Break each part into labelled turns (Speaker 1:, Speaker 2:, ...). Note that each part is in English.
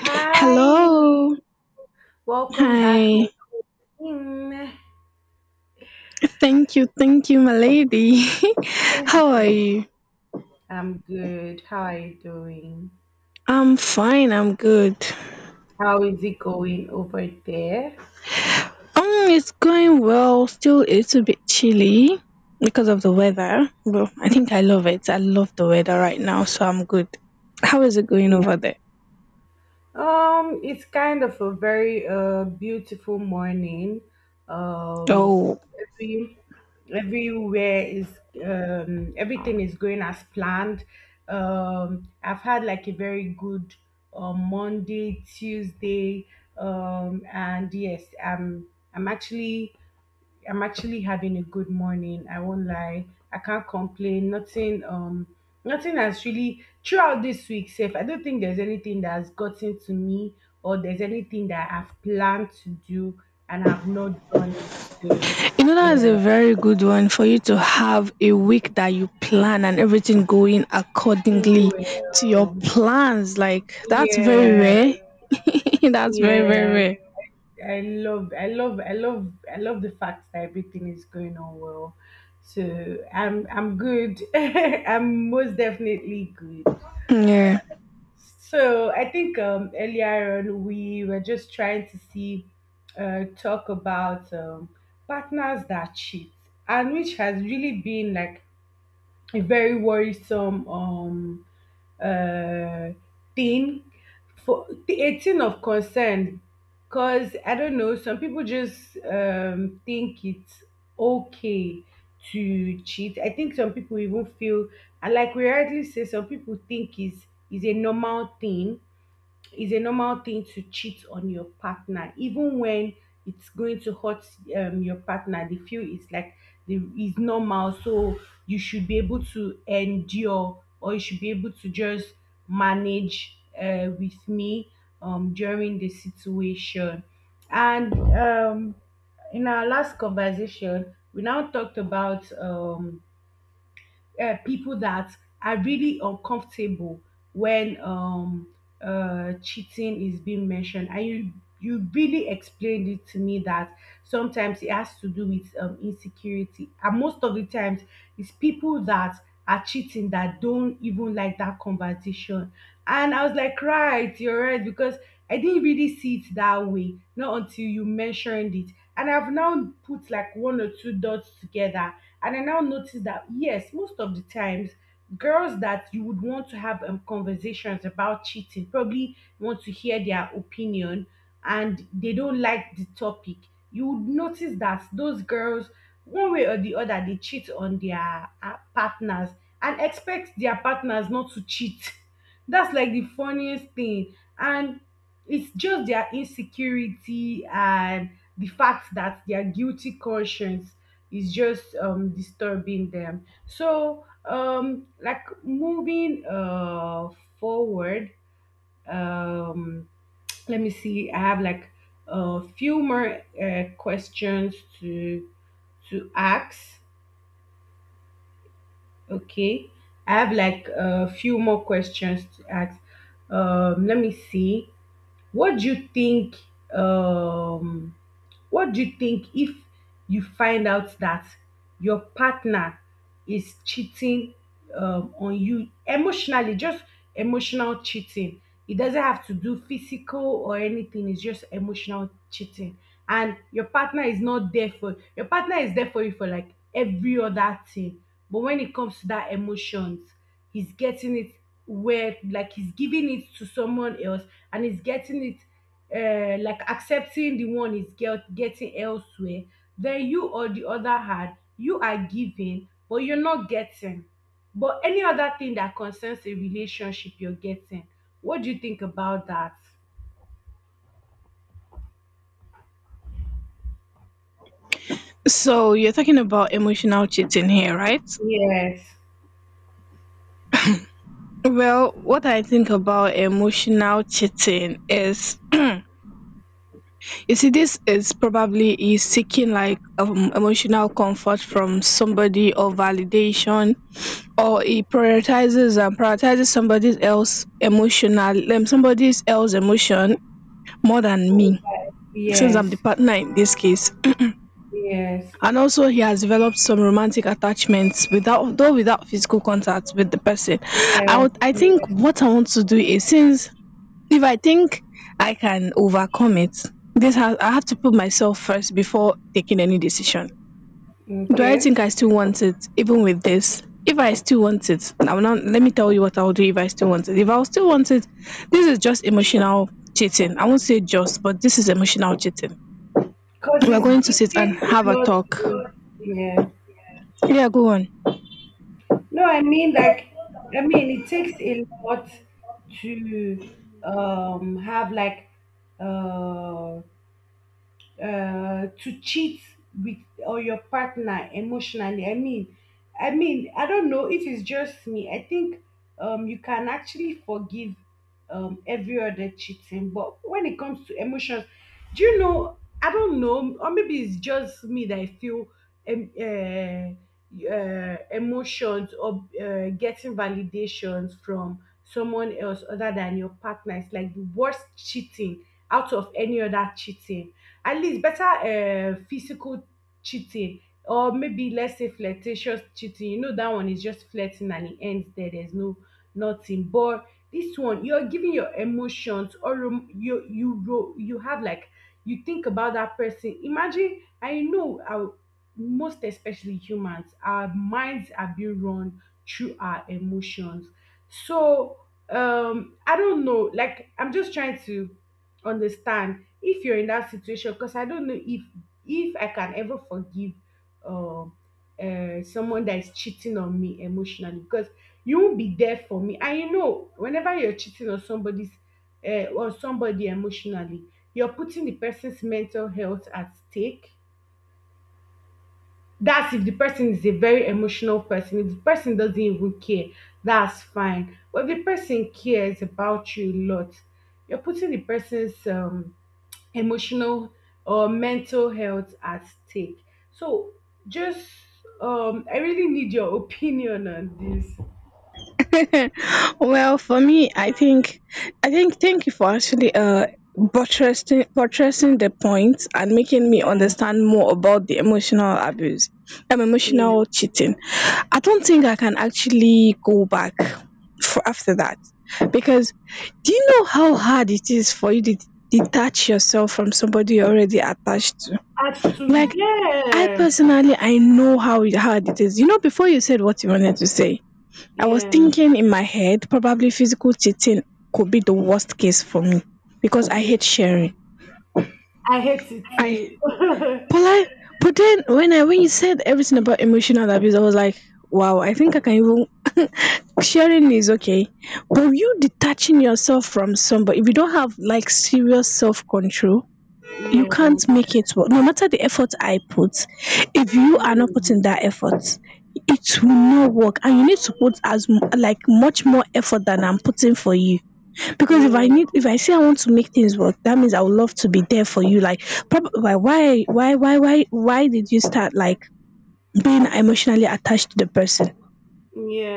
Speaker 1: Hi,
Speaker 2: Hello.
Speaker 1: welcome back,
Speaker 2: Hi.
Speaker 1: my queen.
Speaker 2: Thank you. Thank you, my lady. How are you?
Speaker 1: I'm good. How are you doing?
Speaker 2: I'm fine. I'm good.
Speaker 1: How is it going over there?
Speaker 2: It's going well. Still a little bit chilly because of the weather. But I think I love it. I love the weather right now, so I'm good. How is it going over there?
Speaker 1: It's kind of a very beautiful morning. Um,
Speaker 2: Oh.
Speaker 1: every everywhere is Everything is going as planned. I've had like a very good Monday, Tuesday, and yes, I'm actually. I'm actually having a good morning. I won't lie. I can't complain. Nothing has really throughout this week, safe. I don't think there's anything that has gotten to me or there's anything that I've planned to do and I've not done it. So
Speaker 2: That's a
Speaker 1: yeah.
Speaker 2: very good one for you to have a week that you plan and everything going accordingly to your
Speaker 1: Well,
Speaker 2: plans. Like, that's very
Speaker 1: yeah,
Speaker 2: rare. That's very, very
Speaker 1: yeah.
Speaker 2: rare.
Speaker 1: I love the fact that everything is going on well. So I'm good. I'm most definitely good.
Speaker 2: Yeah.
Speaker 1: So I think, earlier on we were just trying to see, talk about partners that cheat, and which has really been like a very worrisome, uh, thing for a thing of concern, because I don't know, some people just think it's okay to cheat. I think some people even feel, and like we rightly say, some people think is a normal thing, it's a normal thing to cheat on your partner even when it's going to hurt your partner. They feel it's like the is normal, so you should be able to endure or you should be able to just manage with me during the situation. And, in our last conversation we now talked about, people that are really uncomfortable when cheating is being mentioned, and you really explained it to me that sometimes it has to do with insecurity, and most of the times it's people that are cheating that don't even like that conversation. And I was like, right, you're right, because I didn't really see it that way, not until you mentioned it. And I've now put like one or two dots together, and I now notice that, yes, most of the times, girls that you would want to have conversations about cheating probably want to hear their opinion, and they don't like the topic. You would notice that those girls, one way or the other, they cheat on their partners and expect their partners not to cheat. That's like the funniest thing. And it's just their insecurity, and the fact that their guilty conscience is just disturbing them. So, like moving forward, um, let me see. I have like a few more questions to to ask. Okay, I have like a few more questions to ask. Let me see. What do you think? Um, What do you think if you find out that your partner is cheating on you emotionally, just emotional cheating? It doesn't have to do physical or anything, it's just emotional cheating. And your partner is not there for your partner is there for you for like every other thing. But when it comes to that emotions, he's getting it where like he's giving it to someone else, and he's getting it, like accepting the one is getting elsewhere, then you on the other hand, you are giving, but you're not getting. But any other thing that concerns a relationship, you're getting. What do you think about that?
Speaker 2: So, you're talking about emotional cheating here, right?
Speaker 1: Yes.
Speaker 2: Well, what I think about emotional cheating is you see, this is probably is seeking like emotional comfort from somebody, or validation, or he prioritizes and prioritizes somebody else emotional, somebody else emotion, more than me
Speaker 1: Okay.
Speaker 2: since I'm the
Speaker 1: Yes.
Speaker 2: partner in this case.
Speaker 1: Yes.
Speaker 2: And also he has developed some romantic attachments without physical contact with the person. i
Speaker 1: Yes.
Speaker 2: would i think
Speaker 1: Yes.
Speaker 2: what I want to do is, since if I think I can overcome it, this has I have to put myself first before taking any decision. Do I
Speaker 1: Okay.
Speaker 2: think I still want it even with this? If I still want it, now let me tell you what I'll do if I still want it. If I'll still want it, this is just emotional cheating. I won't say just, but this is emotional cheating.
Speaker 1: Because
Speaker 2: We're going to
Speaker 1: it
Speaker 2: sit and
Speaker 1: takes
Speaker 2: have
Speaker 1: a
Speaker 2: a
Speaker 1: lot
Speaker 2: talk.
Speaker 1: to. Yeah.
Speaker 2: Yeah, go on.
Speaker 1: No, I mean, like, I mean, it takes a lot to have like uh to cheat with or your partner emotionally. I mean, I don't know if it's just me. I think, you can actually forgive every other cheating, but when it comes to emotions, do you know? I don't know, or maybe it's just me that I feel, emotions or getting validations from someone else other than your partner is like the worst cheating out of any other cheating. At least better, physical cheating, or maybe let's say flirtatious cheating. You know, that one is just flirting and it ends there, there's no, nothing. But this one, you're giving your emotions, or you have like, you think about that person. Imagine, I know our, most especially humans, our minds are being run through our emotions. So, I don't know, like I'm just trying to understand if you're in that situation, because I don't know if I can ever forgive uh, someone that is cheating on me emotionally, because you won't be there for me. And you know, whenever you're cheating on somebody's on somebody emotionally, you're putting the person's mental health at stake. That's if the person is a very emotional person. If the person doesn't even care, that's fine. But if the person cares about you a lot, you're putting the person's emotional or mental health at stake. So, just, I really need your opinion on this.
Speaker 2: Well, for me, thank you for actually buttressing the point and making me
Speaker 1: Yeah,
Speaker 2: understand more about the emotional abuse, emotional
Speaker 1: yeah.
Speaker 2: cheating. I don't think I can actually go back for after that, because do you know how hard it is for you to detach yourself from somebody you're already attached to?
Speaker 1: Add to
Speaker 2: Like, I
Speaker 1: yes.
Speaker 2: personally, I know how hard it is. Before you said what you wanted to say, I was
Speaker 1: Yeah.
Speaker 2: thinking in my head, probably physical cheating could be the worst case for me because I
Speaker 1: Yeah.
Speaker 2: hate sharing.
Speaker 1: I hate it
Speaker 2: I
Speaker 1: too.
Speaker 2: I but then when I when you said everything about emotional abuse, I was like, wow, I think I can even sharing is okay. But you detaching yourself from somebody, if you don't have like serious self control, you
Speaker 1: Yeah.
Speaker 2: can't make it work. No matter the effort I put, if you are not putting
Speaker 1: Mm.
Speaker 2: that effort, it will not work. And you need to put like much more effort than I'm putting for you. Because
Speaker 1: Yeah.
Speaker 2: if I say I want to make things work, that means I would love to be there for you. Like, why did you start like being emotionally attached to the person?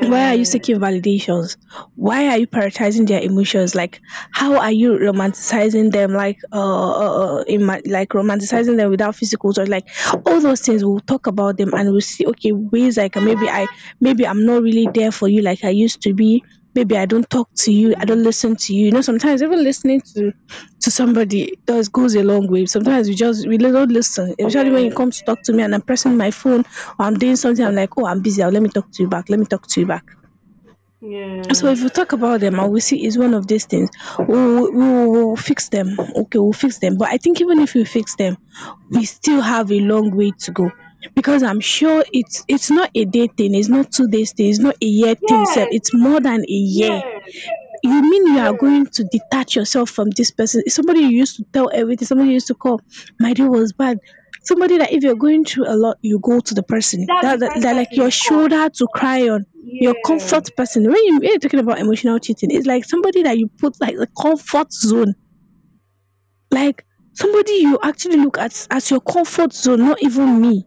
Speaker 2: Why are you seeking validations? Why are you prioritizing their emotions? Like, how are you romanticizing them? Like, like romanticizing them without physical touch. Like, all those things. We'll talk about them and we'll see. Okay, ways like maybe I'm not really there for you like I used to be. Maybe I don't talk to you. I don't
Speaker 1: Mm.
Speaker 2: listen to you. Sometimes even listening to somebody does goes a long way. Sometimes we don't listen. Especially when you
Speaker 1: Yes.
Speaker 2: come to talk to me and I'm pressing my phone or I'm doing something. I'm like, oh, I'm busy. Let me talk to you back. Let me talk to you back. So if
Speaker 1: Yes.
Speaker 2: we talk about them and we see it's one of these things, we will fix them. Okay, we'll fix them. But I think even if we fix them, we still have a long way to go because I'm sure it's not a day thing, it's not 2 days thing, it's not a year thing. Self,
Speaker 1: Yes.
Speaker 2: it's more than a year.
Speaker 1: Yes.
Speaker 2: You mean you are
Speaker 1: Yes.
Speaker 2: going to detach yourself from this person? Somebody you used to tell everything, somebody you used to call, my day was bad. Somebody that if you're going through a lot, you go to the person.
Speaker 1: That's
Speaker 2: That,
Speaker 1: the
Speaker 2: that,
Speaker 1: first
Speaker 2: that like
Speaker 1: person
Speaker 2: your
Speaker 1: you call.
Speaker 2: shoulder to cry on, your
Speaker 1: Yeah.
Speaker 2: comfort person. When you're talking about emotional cheating, it's like somebody that you put like the comfort zone. Like somebody you actually look at as your comfort zone, not even me.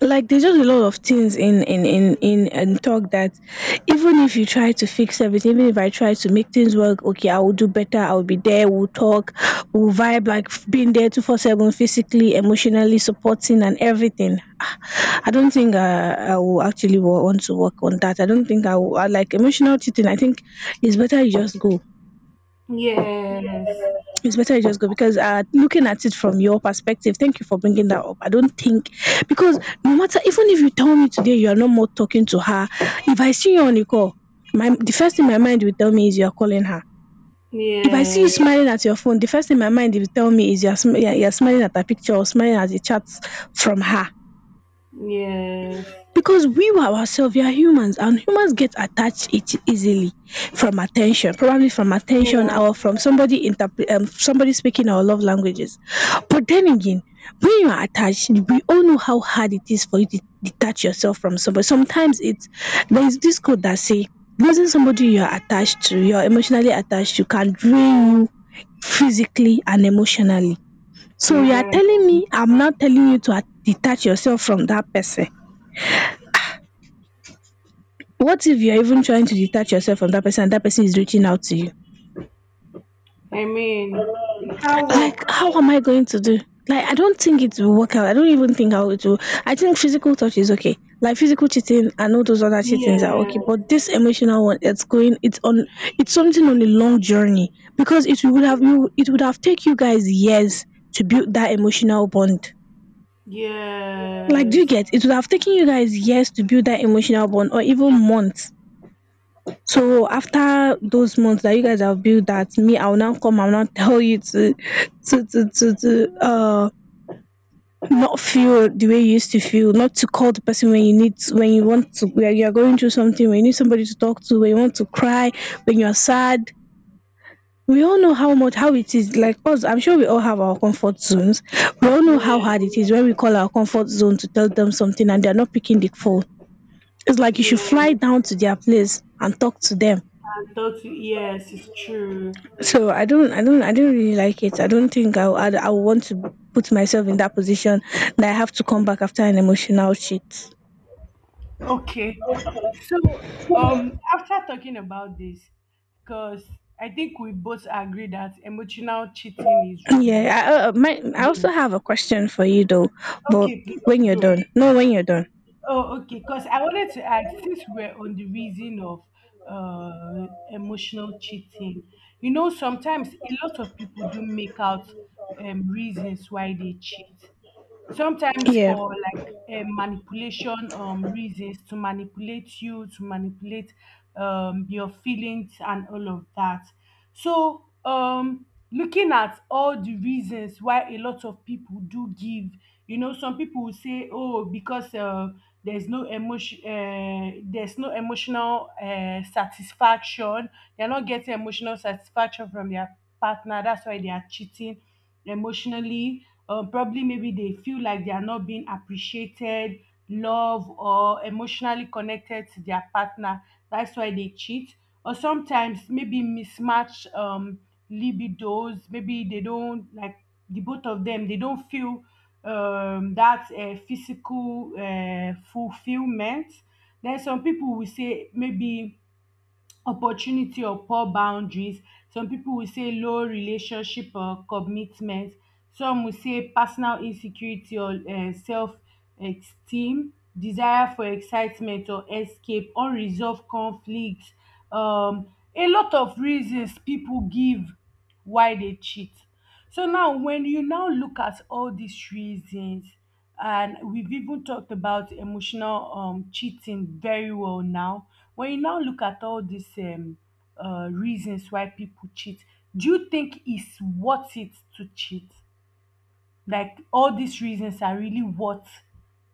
Speaker 2: Like there's just a lot of things in talk that even if you try to fix everything, even if I try to make things work, okay, I will do better, I will be there, we'll talk, we'll vibe, like being there 24/7, physically, emotionally, supporting and everything. Ah, I don't think I will actually want to work on that. I don't think I like emotional cheating. I think it's better you just go,
Speaker 1: Yes.
Speaker 2: it's better you just go, because looking at it from your perspective, thank you for bringing that up. I don't think, because no matter even if you tell me today you are no more talking to her, if I see you on a call, my the first thing my mind will tell me is you are calling her. If I see you
Speaker 1: Yes.
Speaker 2: smiling at your phone, the first thing my mind will tell me is you are sm- you are smiling at her picture, or smiling at the chats from her,
Speaker 1: Yes.
Speaker 2: because we were ourselves we are humans, and humans get attached it easily from attention, probably from attention,
Speaker 1: Yeah.
Speaker 2: or from somebody somebody speaking our love languages. But then again, when you are attached, we all know how hard it is for you to detach yourself from somebody. Sometimes it's there is this code that say losing somebody you are emotionally attached to can drain you physically and emotionally. So you are
Speaker 1: Yeah.
Speaker 2: telling me, I'm not telling you to detach yourself from that person. What if you are even trying to detach yourself from that person and that person is reaching out to you?
Speaker 1: I mean, the car
Speaker 2: Like,
Speaker 1: work.
Speaker 2: how am I going to do? Like, I don't think it will work out. I don't even think how it will. I think physical touch is okay, like physical cheating and all those other cheatings are okay,
Speaker 1: Yeah.
Speaker 2: but this emotional one, it's something on a long journey, because it would have take you guys years to build that emotional bond. Like, do you
Speaker 1: Yes.
Speaker 2: get it? Would have taken you guys years to build that emotional bond, or even months. So after those months that you guys have built that, me, I will now tell you to not feel the way you used to feel, not to call the person when you want to, when you are going through something, when you need somebody to talk to, when you want to cry, when you are sad. We all know how it is like us. I'm sure we all have our comfort zones. We all know how hard it
Speaker 1: Yeah.
Speaker 2: is when we call our comfort zone to tell them something and they're not picking the phone. It's like you should fly
Speaker 1: Yeah.
Speaker 2: down to their place and talk to them.
Speaker 1: And thought, yes, it's true.
Speaker 2: So I don't really like it. I don't think I would want to put myself in that position that I have to come back after an emotional cheat.
Speaker 1: Okay. So, after talking about this, because I think we both agree that emotional cheating is
Speaker 2: Yeah,
Speaker 1: wrong.
Speaker 2: I also
Speaker 1: Yes.
Speaker 2: have a question for you though, but
Speaker 1: Okay, please
Speaker 2: when you're
Speaker 1: go.
Speaker 2: done. No, when you're done.
Speaker 1: Oh, okay. Because I wanted to ask, since we're on the reason of emotional cheating, you know, sometimes a lot of people do make out reasons why they cheat, sometimes
Speaker 2: Yeah.
Speaker 1: for like manipulation, reasons to manipulate you, to manipulate your feelings and all of that. So, looking at all the reasons why a lot of people do give, you know, some people will say, oh, because there's no emotional satisfaction. They're not getting emotional satisfaction from their partner, that's why they are cheating emotionally. Or probably maybe they feel like they are not being appreciated, loved, or emotionally connected to their partner. That's why they cheat. Or sometimes maybe mismatch libidos. Maybe they don't like the both of them. They don't feel, that physical fulfillment. Then some people will say maybe opportunity or poor boundaries. Some pipu will say low relationship or commitment. Some will say personal insecurity or self-esteem, desire for excitement or escape, unresolved conflict. um A lot of reasons pipu give why dey cheat. So now when you now look at all these reasons, and we've even talked about emotional cheating very well now. When you now look at all these reasons why people cheat, do you think it's worth it to cheat? Like all these reasons are really worth,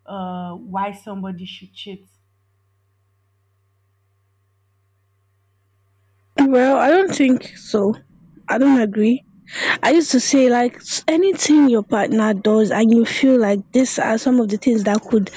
Speaker 1: why somebody should cheat.
Speaker 2: Well, I don't think so. I don't agree. I used to say like anything your partner does and you feel like this are some of the things that could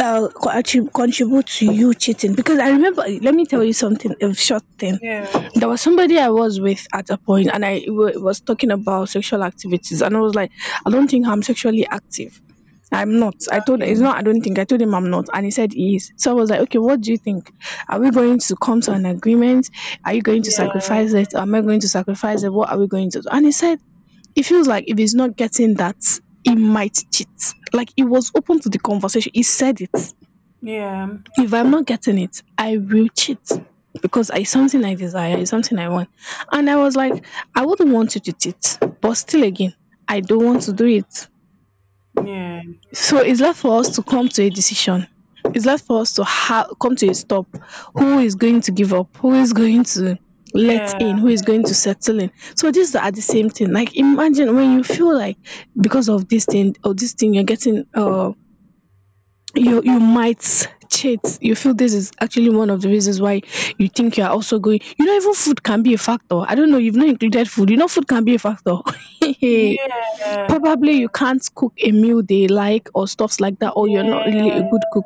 Speaker 2: contribute to you cheating. Because I remember, let me tell you something, a short thing.
Speaker 1: Yeah,
Speaker 2: There was somebody I was with at a point, and I was talking about sexual activities, and I was like, I don't think I'm sexually active. I'm not. I told
Speaker 1: okay.
Speaker 2: it's not. I don't think. I told him I'm not, and he said he is. So I was like, okay, what do you think? Are we going to come to an agreement? Are you going to
Speaker 1: Yeah,
Speaker 2: sacrifice it? Am I going to sacrifice it? What are we going to do? And he said he feels like if he's not getting that, he might cheat. Like, he was open to the conversation. He said it.
Speaker 1: yeah,
Speaker 2: If I'm not getting it, I will cheat, because it's something I desire, it's something I want. And I was like, I wouldn't want you to cheat, but still again, I don't want to do it.
Speaker 1: yeah,
Speaker 2: So it's left for us to come to a decision. It's left for us to come to a stop. Who is going to give up? Who is going to let
Speaker 1: yeah,
Speaker 2: in? Who is going to settle in? So these are the same thing. Like imagine when you feel like because of this thing or this thing, you're getting you might cheat. You feel this is actually one of the reasons why you think you are also going, you know, even food can be a factor. I don't know, you've not included food. You know, food can be a factor. Hey,
Speaker 1: yeah,
Speaker 2: probably you can't cook a meal they like or stuffs like that, or you're not really a
Speaker 1: yeah.
Speaker 2: good cook,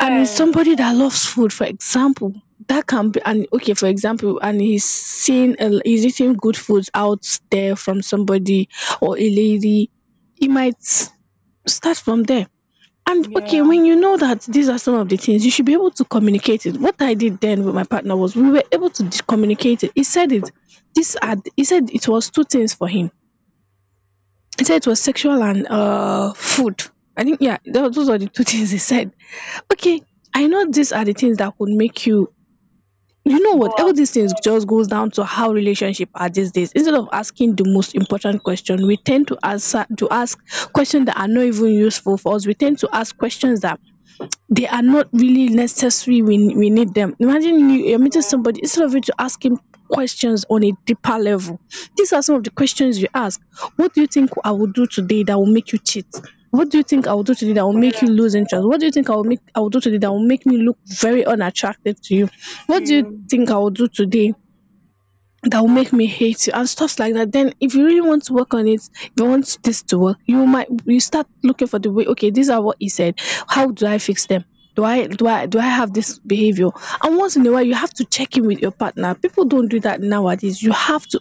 Speaker 2: and it's somebody that loves food. For example, that can be. And okay, for example, and he's seeing a, he's eating good foods out there from somebody or a lady. He might start from there. And okay,
Speaker 1: Yeah.
Speaker 2: when you know that these are some of the things, you should be able to communicate it. What I did then with my partner was we were able to communicate it. He said it, this had he said it was two things for him. He said it was sexual and food. I think, yeah, those are the two things he said. Okay, I know these are the things that could make you, you know
Speaker 1: Go
Speaker 2: what, all
Speaker 1: out
Speaker 2: these things
Speaker 1: to gym.
Speaker 2: just goes down to how relationship are these days. Instead of asking the most important question, we tend to answer to ask questions that are not even useful for us. We tend to ask questions that they are not really necessary. We need them. Imagine you're meeting
Speaker 1: Yeah.
Speaker 2: somebody. Instead of you to ask him questions on a deeper level, these are some of the questions you ask. What do you think I will do today that will make you cheat? What do you think I will do today that will make you
Speaker 1: Yeah.
Speaker 2: lose interest? What do you think I will do today that will make me look very unattractive to you? What do you
Speaker 1: Gym.
Speaker 2: think I will do today that will make me hate you and stuff like that? Then if you really want to work on it, you want this to work, you might, you start looking for the way. Okay, these are what he said. How do I fix them? Do I have this behavior? And once in a while you have to check in with your partner. People don't do that nowadays, you have to.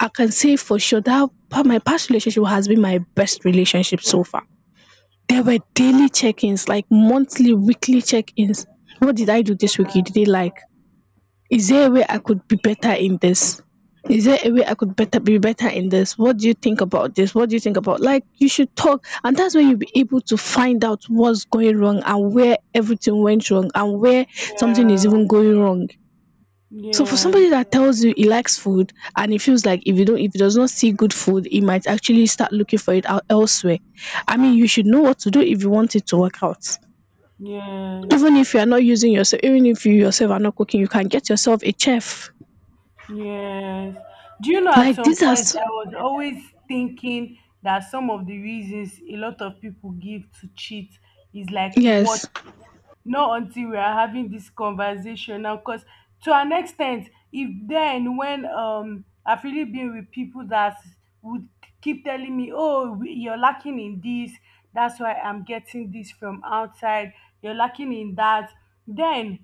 Speaker 2: I can say for sure that my past relationship has been my best relationship so far. There were daily check-ins, like monthly, weekly check-ins. What did I do
Speaker 1: Yeah.
Speaker 2: this week? You did it, like, is there a way I could be better in this? Is there a way I could better be better in this? What do you think about this? What do you think about, like, you should talk, and that's when you'll be able to find out what's going wrong and where everything went wrong and where something is even going wrong. So for
Speaker 1: Yeah.
Speaker 2: somebody that tells you he likes food, and he feels like if you don't, if he does not see good food, he might actually start looking for it out elsewhere. I mean, you should know what to do if you want it to work out.
Speaker 1: Yes.
Speaker 2: Even if you are not using yourself, even if you yourself are not cooking, you can get yourself a chef.
Speaker 1: Yes. Do you know, at
Speaker 2: Like
Speaker 1: some
Speaker 2: these are
Speaker 1: point
Speaker 2: s-
Speaker 1: I was always thinking that some of the reasons a lot of people give to cheat is like, what?
Speaker 2: yes.
Speaker 1: Not until we are having this conversation now, because to an extent, if then when I've really been with people that would keep telling me, oh, you're lacking in this, that's why I'm getting this from outside. You're lacking in that. Then,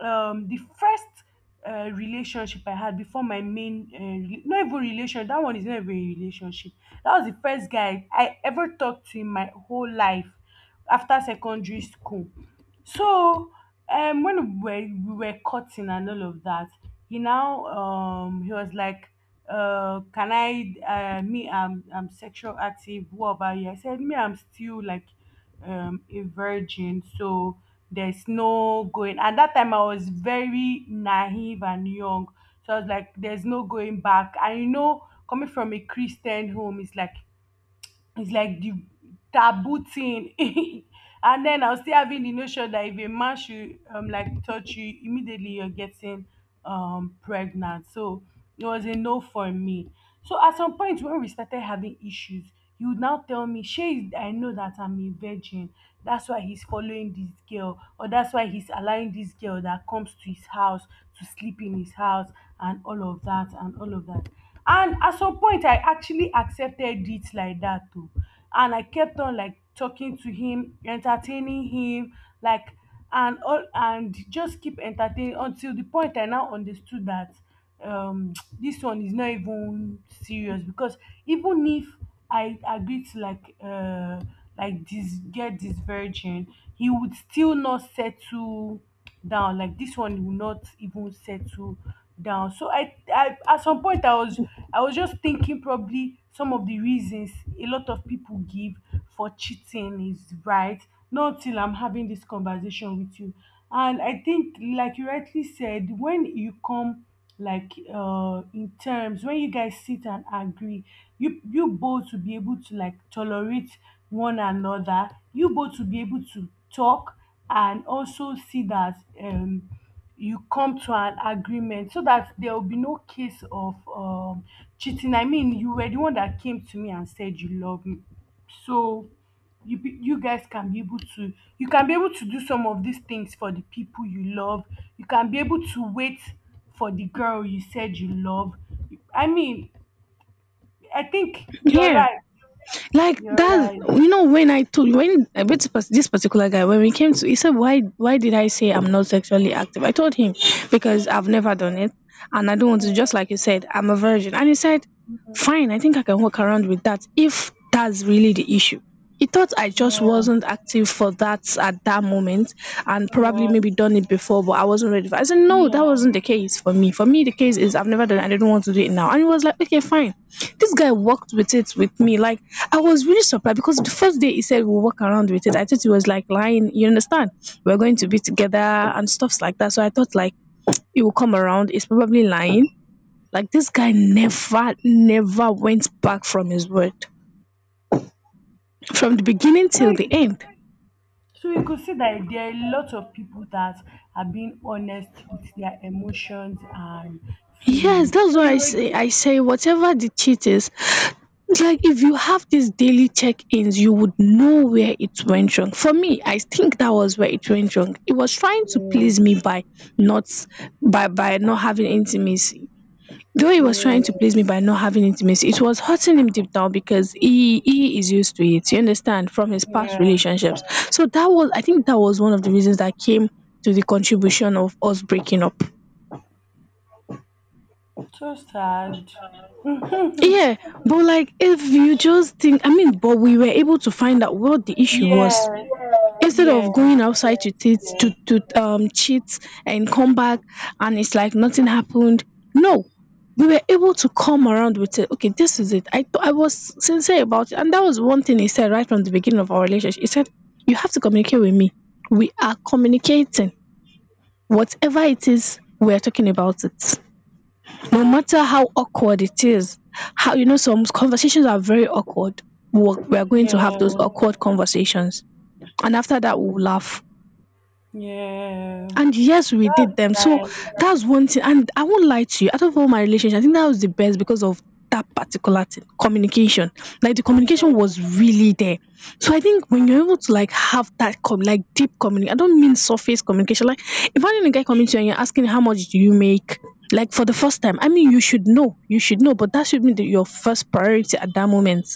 Speaker 1: the first relationship I had before my main not even relation, that one is not even a relationship. That was the first guy I ever talked to in my whole life after secondary school. So when we were cutting and all of that, he now, he was like, can I, me I'm sexual active, what about you? I said, me I'm still like, a virgin, so there's no going. At that time I was very naive and young. So I was like, there's no going back. And you know, coming from a Christian home, it's like, the taboo thing. And then I was still having the notion that if a man should like touch you, immediately you're getting pregnant. So it was a no for me. So at some point when we started having issues, he would now tell me, Shay, I know that I'm a virgin. That's why he's following this girl, or that's why he's allowing this girl that comes to his house to sleep in his house, and all of that and all of that. And at some point I actually accepted it like that too, and I kept on like talking to him, entertaining him, like and all, and just keep entertaining, until the point I now understood that, um this one is not even serious. Because even if I agreed to like, like this, get this virgin, he would still not settle down. Like this one will not even settle down. So I at some point I was just thinking probably some of the reasons a lot of people give for cheating is right. Not till I'm having this conversation with you. And I think, like you rightly said, when you come like in terms, when you guys sit and agree, you both to be able to like tolerate one another, you both to be able to talk and also see that you come to an agreement so that there will be no case of cheating. I mean, you were the one that came to me and said you love me. So you guys can be able to do some of these things for the people you love. You can be able to wait for the girl you said you love. I mean, I think you're
Speaker 2: Yeah.
Speaker 1: right.
Speaker 2: Like
Speaker 1: You're
Speaker 2: that's,
Speaker 1: right.
Speaker 2: you know, when I told, when I met this particular guy, when we came to, he said, why did I say I'm not sexually active? I told him because I've never done it, and I don't want to. Just like you said, I'm a virgin. And he said,
Speaker 1: Mhm.
Speaker 2: fine, I think I can walk around with that if that's really the issue. He thought I just
Speaker 1: Yeah,
Speaker 2: wasn't active for that at that moment, and probably
Speaker 1: yeah,
Speaker 2: maybe done it before but I wasn't ready for it. I said no, that
Speaker 1: yeah.
Speaker 2: wasn't the case for me. For me, the case is I've never done it. I didn't want to do it now, and he was like, okay, fine. This guy worked with it with me. Like, I was really surprised because the first day he said we'll walk around with it, I thought he was like lying, you understand? We're going to be together and stuffs like that. So I thought like he will come around, he's probably lying. Like this guy never, never went back from his word from the beginning
Speaker 1: so
Speaker 2: till the
Speaker 1: you-
Speaker 2: end.
Speaker 1: so you could see that there are a lot of people that are being honest with their emotions and
Speaker 2: Yes,
Speaker 1: feelings.
Speaker 2: that's
Speaker 1: So
Speaker 2: why I
Speaker 1: you
Speaker 2: say,
Speaker 1: were
Speaker 2: I say whatever the cheat is, like if you have these daily check-ins, you would know where it went wrong. For me, I think that was where it went wrong. It was trying to please
Speaker 1: good.
Speaker 2: me by not, by not having intimacy. Though he was
Speaker 1: Yeah,
Speaker 2: trying to
Speaker 1: yeah,
Speaker 2: please me by not having intimacy, it was hurting him deep down because he is used to it. You understand, from his past
Speaker 1: yeah.
Speaker 2: relationships. So that was, I think that was one of the reasons that came to the contribution of us breaking up.
Speaker 1: So sad.
Speaker 2: Yeah, but like, if you just think, I mean, but we were able to find out what the issue was
Speaker 1: Yes,
Speaker 2: instead of
Speaker 1: yes,
Speaker 2: going outside
Speaker 1: yes,
Speaker 2: to cheat, to
Speaker 1: yes,
Speaker 2: cheat and come back, and it's like nothing happened. No, we were able to come around with it. Okay, this is it. I I was sincere about it, and that was one thing he said right from the beginning of our relationship. He said, "You have to communicate with me. We are communicating. Whatever it is, we are talking about it." No matter how awkward it is, how, you know, some conversations are very awkward. We're going
Speaker 1: yeah,
Speaker 2: to have those awkward conversations, and after that, we'll laugh.
Speaker 1: yeah.
Speaker 2: And yes, we did
Speaker 1: That's
Speaker 2: them. So
Speaker 1: nice.
Speaker 2: that's one thing. And I won't lie to you. Out of all my relationships, I think that was the best because of that particular thing, communication. Like the
Speaker 1: Yeah,
Speaker 2: communication was really there. So I think when you're able to like have that com like deep communication, I don't mean surface communication. Like, imagine a guy coming to you and you're asking, how much do you make? Like, for the first time. I mean, you should know. You should know, but that should be your first priority at that moment.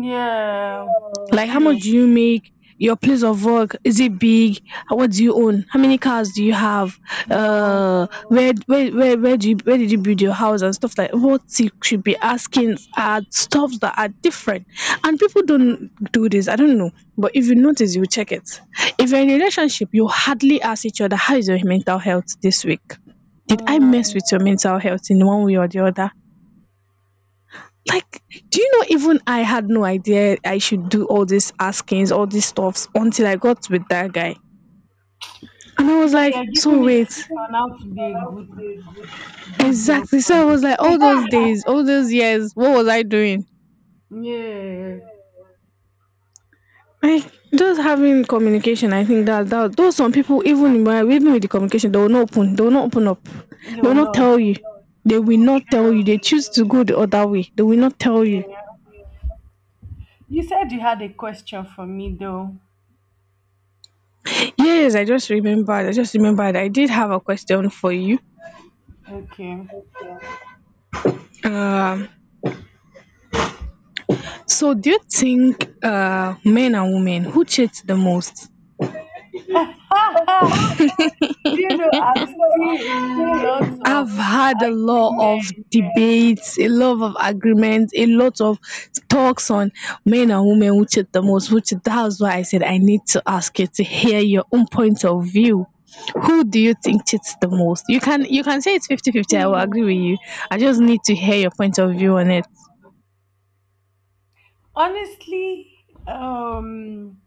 Speaker 1: yeah.
Speaker 2: Like, how much
Speaker 1: True.
Speaker 2: do you make? Your place of work, is it big? What do you own? How many cars do you have?
Speaker 1: No.
Speaker 2: Where do you where did you build your house and stuff like? What you should be asking are stuff that are different, and people don't do this. I don't know, but if you notice, you check it. If you're in a relationship, you hardly ask each other, how is your mental health this week? Did I mess
Speaker 1: Mm.
Speaker 2: with your mental health in one way or the other? Like, do you know, even I had no idea I should do all these askings, all these stuffs until I got with that guy. And I was
Speaker 1: Now
Speaker 2: like,
Speaker 1: you're giving
Speaker 2: so
Speaker 1: me
Speaker 2: wait,
Speaker 1: tips on how to be a good, good
Speaker 2: exactly. So I
Speaker 1: girlfriend.
Speaker 2: was like, all those days, all those years, what was I doing?
Speaker 1: Yeah.
Speaker 2: Like, just having communication, I think that, that though some people, even when, even with the communication, they will not open, they will not open up. They will
Speaker 1: No,
Speaker 2: not
Speaker 1: not
Speaker 2: tell you. They will not tell you.
Speaker 1: true.
Speaker 2: They choose to go the other way. They will not tell you.
Speaker 1: Yeah. You said you had a question for me, though.
Speaker 2: Yes, I just remembered. I just remembered. I did have a question for you.
Speaker 1: Okay.
Speaker 2: Um, so, do you think men and women who cheat the most,
Speaker 1: Do you know I've seen a lot
Speaker 2: I have
Speaker 1: of
Speaker 2: had a lot of
Speaker 1: argument.
Speaker 2: debates, a lot of agreements, a lot of talks on men and women who cheat the most? Which, that's why I said I need to ask you to hear your own point of view. Who do you think cheats the most? You can say it's 50 50. I will
Speaker 1: Hmm.
Speaker 2: agree with you. I just need to hear your point of view on it.
Speaker 1: Honestly, um,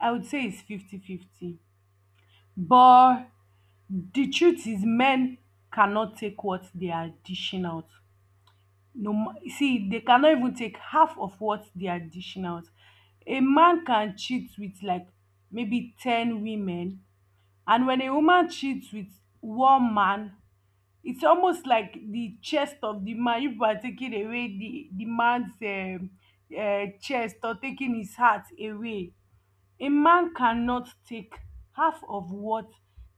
Speaker 1: I would say it's 50-50. But the truth is men cannot take what they are dishing out. No, see, they cannot even take half of what they are dishing out. A man can cheat with like maybe 10 women, and when a woman cheats with one man, it's almost like the chest of the man. If you are taking away the man's chest, or taking his heart away, a man cannot take half of what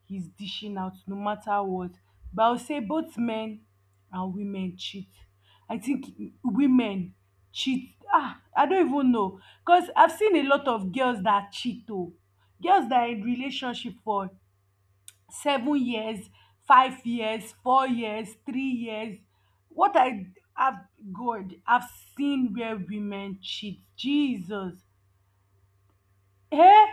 Speaker 1: he's dishing out, no matter what. But I'll say both men and women cheat. I think women cheat, ah, I don't even know, because I've seen a lot of girls that cheat oh. Girls that are in relationship for 7 years, 5 years, 4 years, 3 years. What I have, God, I've seen where women cheat, Jesus, eh.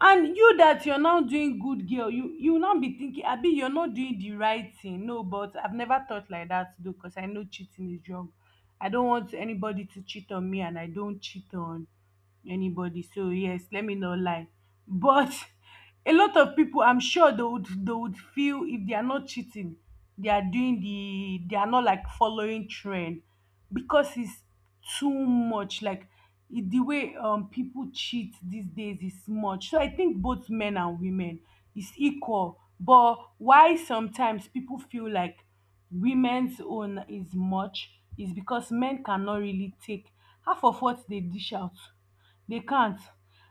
Speaker 1: And you that you're now doing good girl, you will not be thinking, abi you're not doing the right thing? No, but I've never thought like that, though, because I know cheating is wrong. I don't want anybody to cheat on me, and I don't cheat on anybody. So yes, let me not lie. But a lot of people, I'm sure they would feel if they are not cheating, they are doing they are not like following trend because it's too much. Like the way people cheat these days is much. So I think both men and women is equal. But why sometimes people feel like women's own is much is because men cannot really take half of what they dish out. They can't.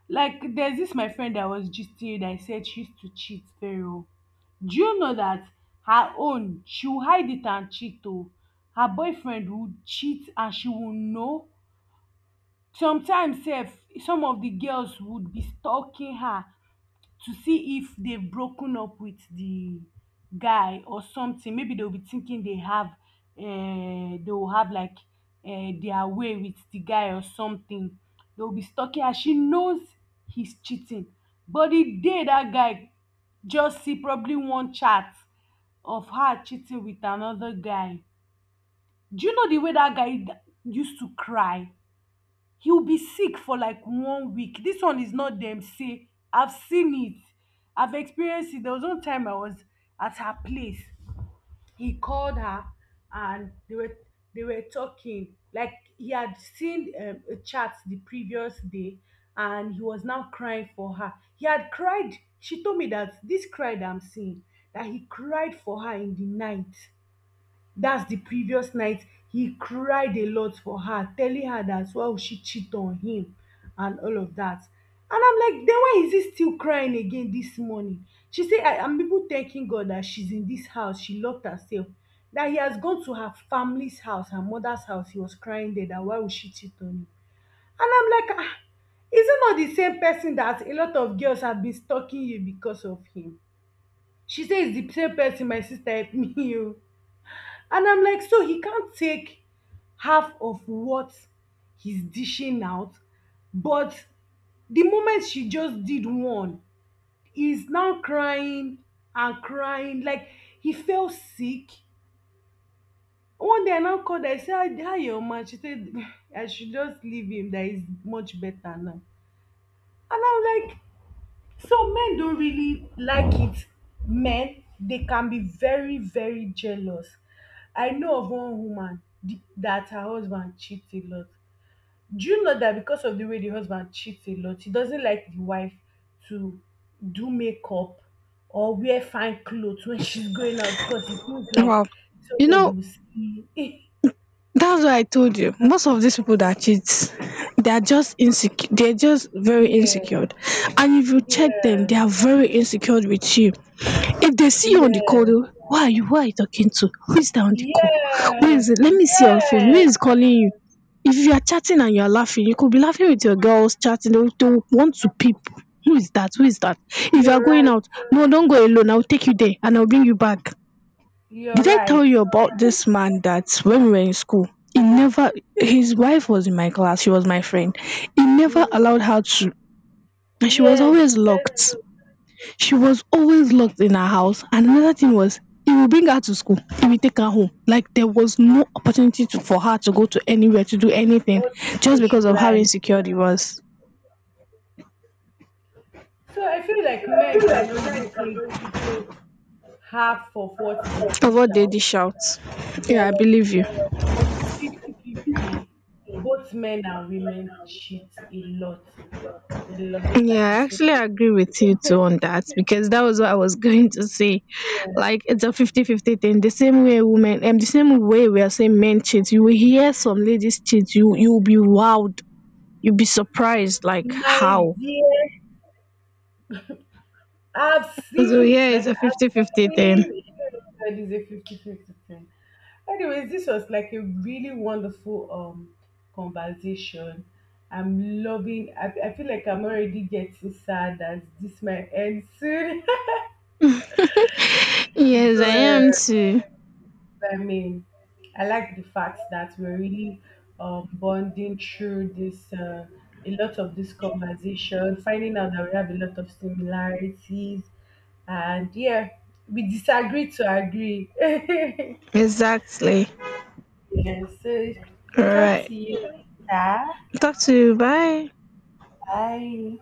Speaker 1: Like there's this my friend that I was gisting with, that I said she used to cheat very well. Do you know that her own she will hide it and cheat oh. Her boyfriend would cheat and she will know. Sometimes sef some of the girls would be stalking her to see if they've broken up with the guy or something. Maybe they'll be thinking they have, they will have like their way with the guy or something. They'll be stalking her. She knows he's cheating. But the day that guy just see probably one chat of her cheating with another guy, do you know the way that guy used to cry? He will be sick for like one week. This one is not them say, I've seen it. I've experienced it. There was one time I was at her place. He called her, and they were talking. Like he had seen a chat the previous day, and he was now crying for her. He had cried. She told me that this cry that I'm seeing, that he cried for her in the night, dat the previous night he cried a lot for her, telling her dat why would she cheat on him and all of dat. And I'm like, then why is he still crying again this morning? She say I am even thanking God dat she's in this house, she loved herself, dat he has gone to her family's house, her mother's house, he was crying there dat why would she cheat on him. And I'm like, ah, is he not the same person dat a lot of girls have been stalking you because of him? She say its the same person, my sister, help me. Oo. And I'm like, so he can't take half of what he's dishing out. But the moment she just did one, he's now crying and crying. Like he fell sick. One day I now called her, I said, Hi, your man. She said, I should just leave him, that he's much better now. And I'm like, so men don't really like it. Men, they can be very, very jealous. I know of one woman that her husband cheats a lot. Do you know that because of the way the husband cheats a lot, he doesn't like the wife to do makeup or wear fine clothes when she's going out, because he feels like
Speaker 2: Wow. You
Speaker 1: somebody
Speaker 2: know,
Speaker 1: will see.
Speaker 2: that's why I told you. Most of these people that cheat, they are just insecure. They're just very
Speaker 1: Yeah,
Speaker 2: insecure. And if you check them,
Speaker 1: yeah,
Speaker 2: they are very insecure with you. If they see you on the call,
Speaker 1: yeah,
Speaker 2: they'll, who are you? Who are you talking to? Who is that on the call? Where
Speaker 1: yes,
Speaker 2: is it? Let me see your phone. Who
Speaker 1: yes.
Speaker 2: is calling you? If you are chatting and you are laughing, you could be laughing with your girls chatting. They will want to peep. Who is that? Who is that? If you are
Speaker 1: You're
Speaker 2: going
Speaker 1: right.
Speaker 2: out, no, don't go alone. I'll take you there and I'll bring you back.
Speaker 1: You're
Speaker 2: Did I tell
Speaker 1: right.
Speaker 2: you about this man that when we were in school, he never his wife was in my class, she was my friend. He never
Speaker 1: Mm,
Speaker 2: allowed her to, and she was
Speaker 1: yes, he
Speaker 2: always
Speaker 1: said
Speaker 2: locked.
Speaker 1: to
Speaker 2: She was always locked in her house. And another thing was, he will bring her to school, he will take her home. Like there was no opportunity to, for her to go to anywhere to do anything,
Speaker 1: all
Speaker 2: just because of how
Speaker 1: socialize.
Speaker 2: insecure he was.
Speaker 1: So I feel like men cannot really take half of what they dish
Speaker 2: Avoid daddy
Speaker 1: out,
Speaker 2: shouts. Yeah, I
Speaker 1: but,
Speaker 2: believe you.
Speaker 1: but it's 50-50. Both men and women cheat a lot,
Speaker 2: Yeah,
Speaker 1: like
Speaker 2: I
Speaker 1: it's
Speaker 2: actually
Speaker 1: 50
Speaker 2: agree with you
Speaker 1: fifty.
Speaker 2: too on that because that was what I was going to say.
Speaker 1: Yeah.
Speaker 2: Like it's a 50-50 thing. The same way women, and the same way we are saying men cheat, you will hear some ladies cheat, you'll be wowed, you'll be surprised like
Speaker 1: My
Speaker 2: how.
Speaker 1: dear,
Speaker 2: So yeah, it's a
Speaker 1: I've
Speaker 2: 50-50 thing.
Speaker 1: seen, it is a fifty-fifty thing. Anyways, this was like a really wonderful conversation. I'm loving. I feel like I'm already getting sad that this might end soon.
Speaker 2: Yes, I am too.
Speaker 1: I mean, I like the fact that we're really bonding through this, a lot of this conversation, finding out that we have a lot of similarities, and yeah, we disagree to agree.
Speaker 2: Exactly.
Speaker 1: Yes, so
Speaker 2: All
Speaker 1: talk
Speaker 2: right.
Speaker 1: to you later.
Speaker 2: Talk to you. Bye.
Speaker 1: Bye.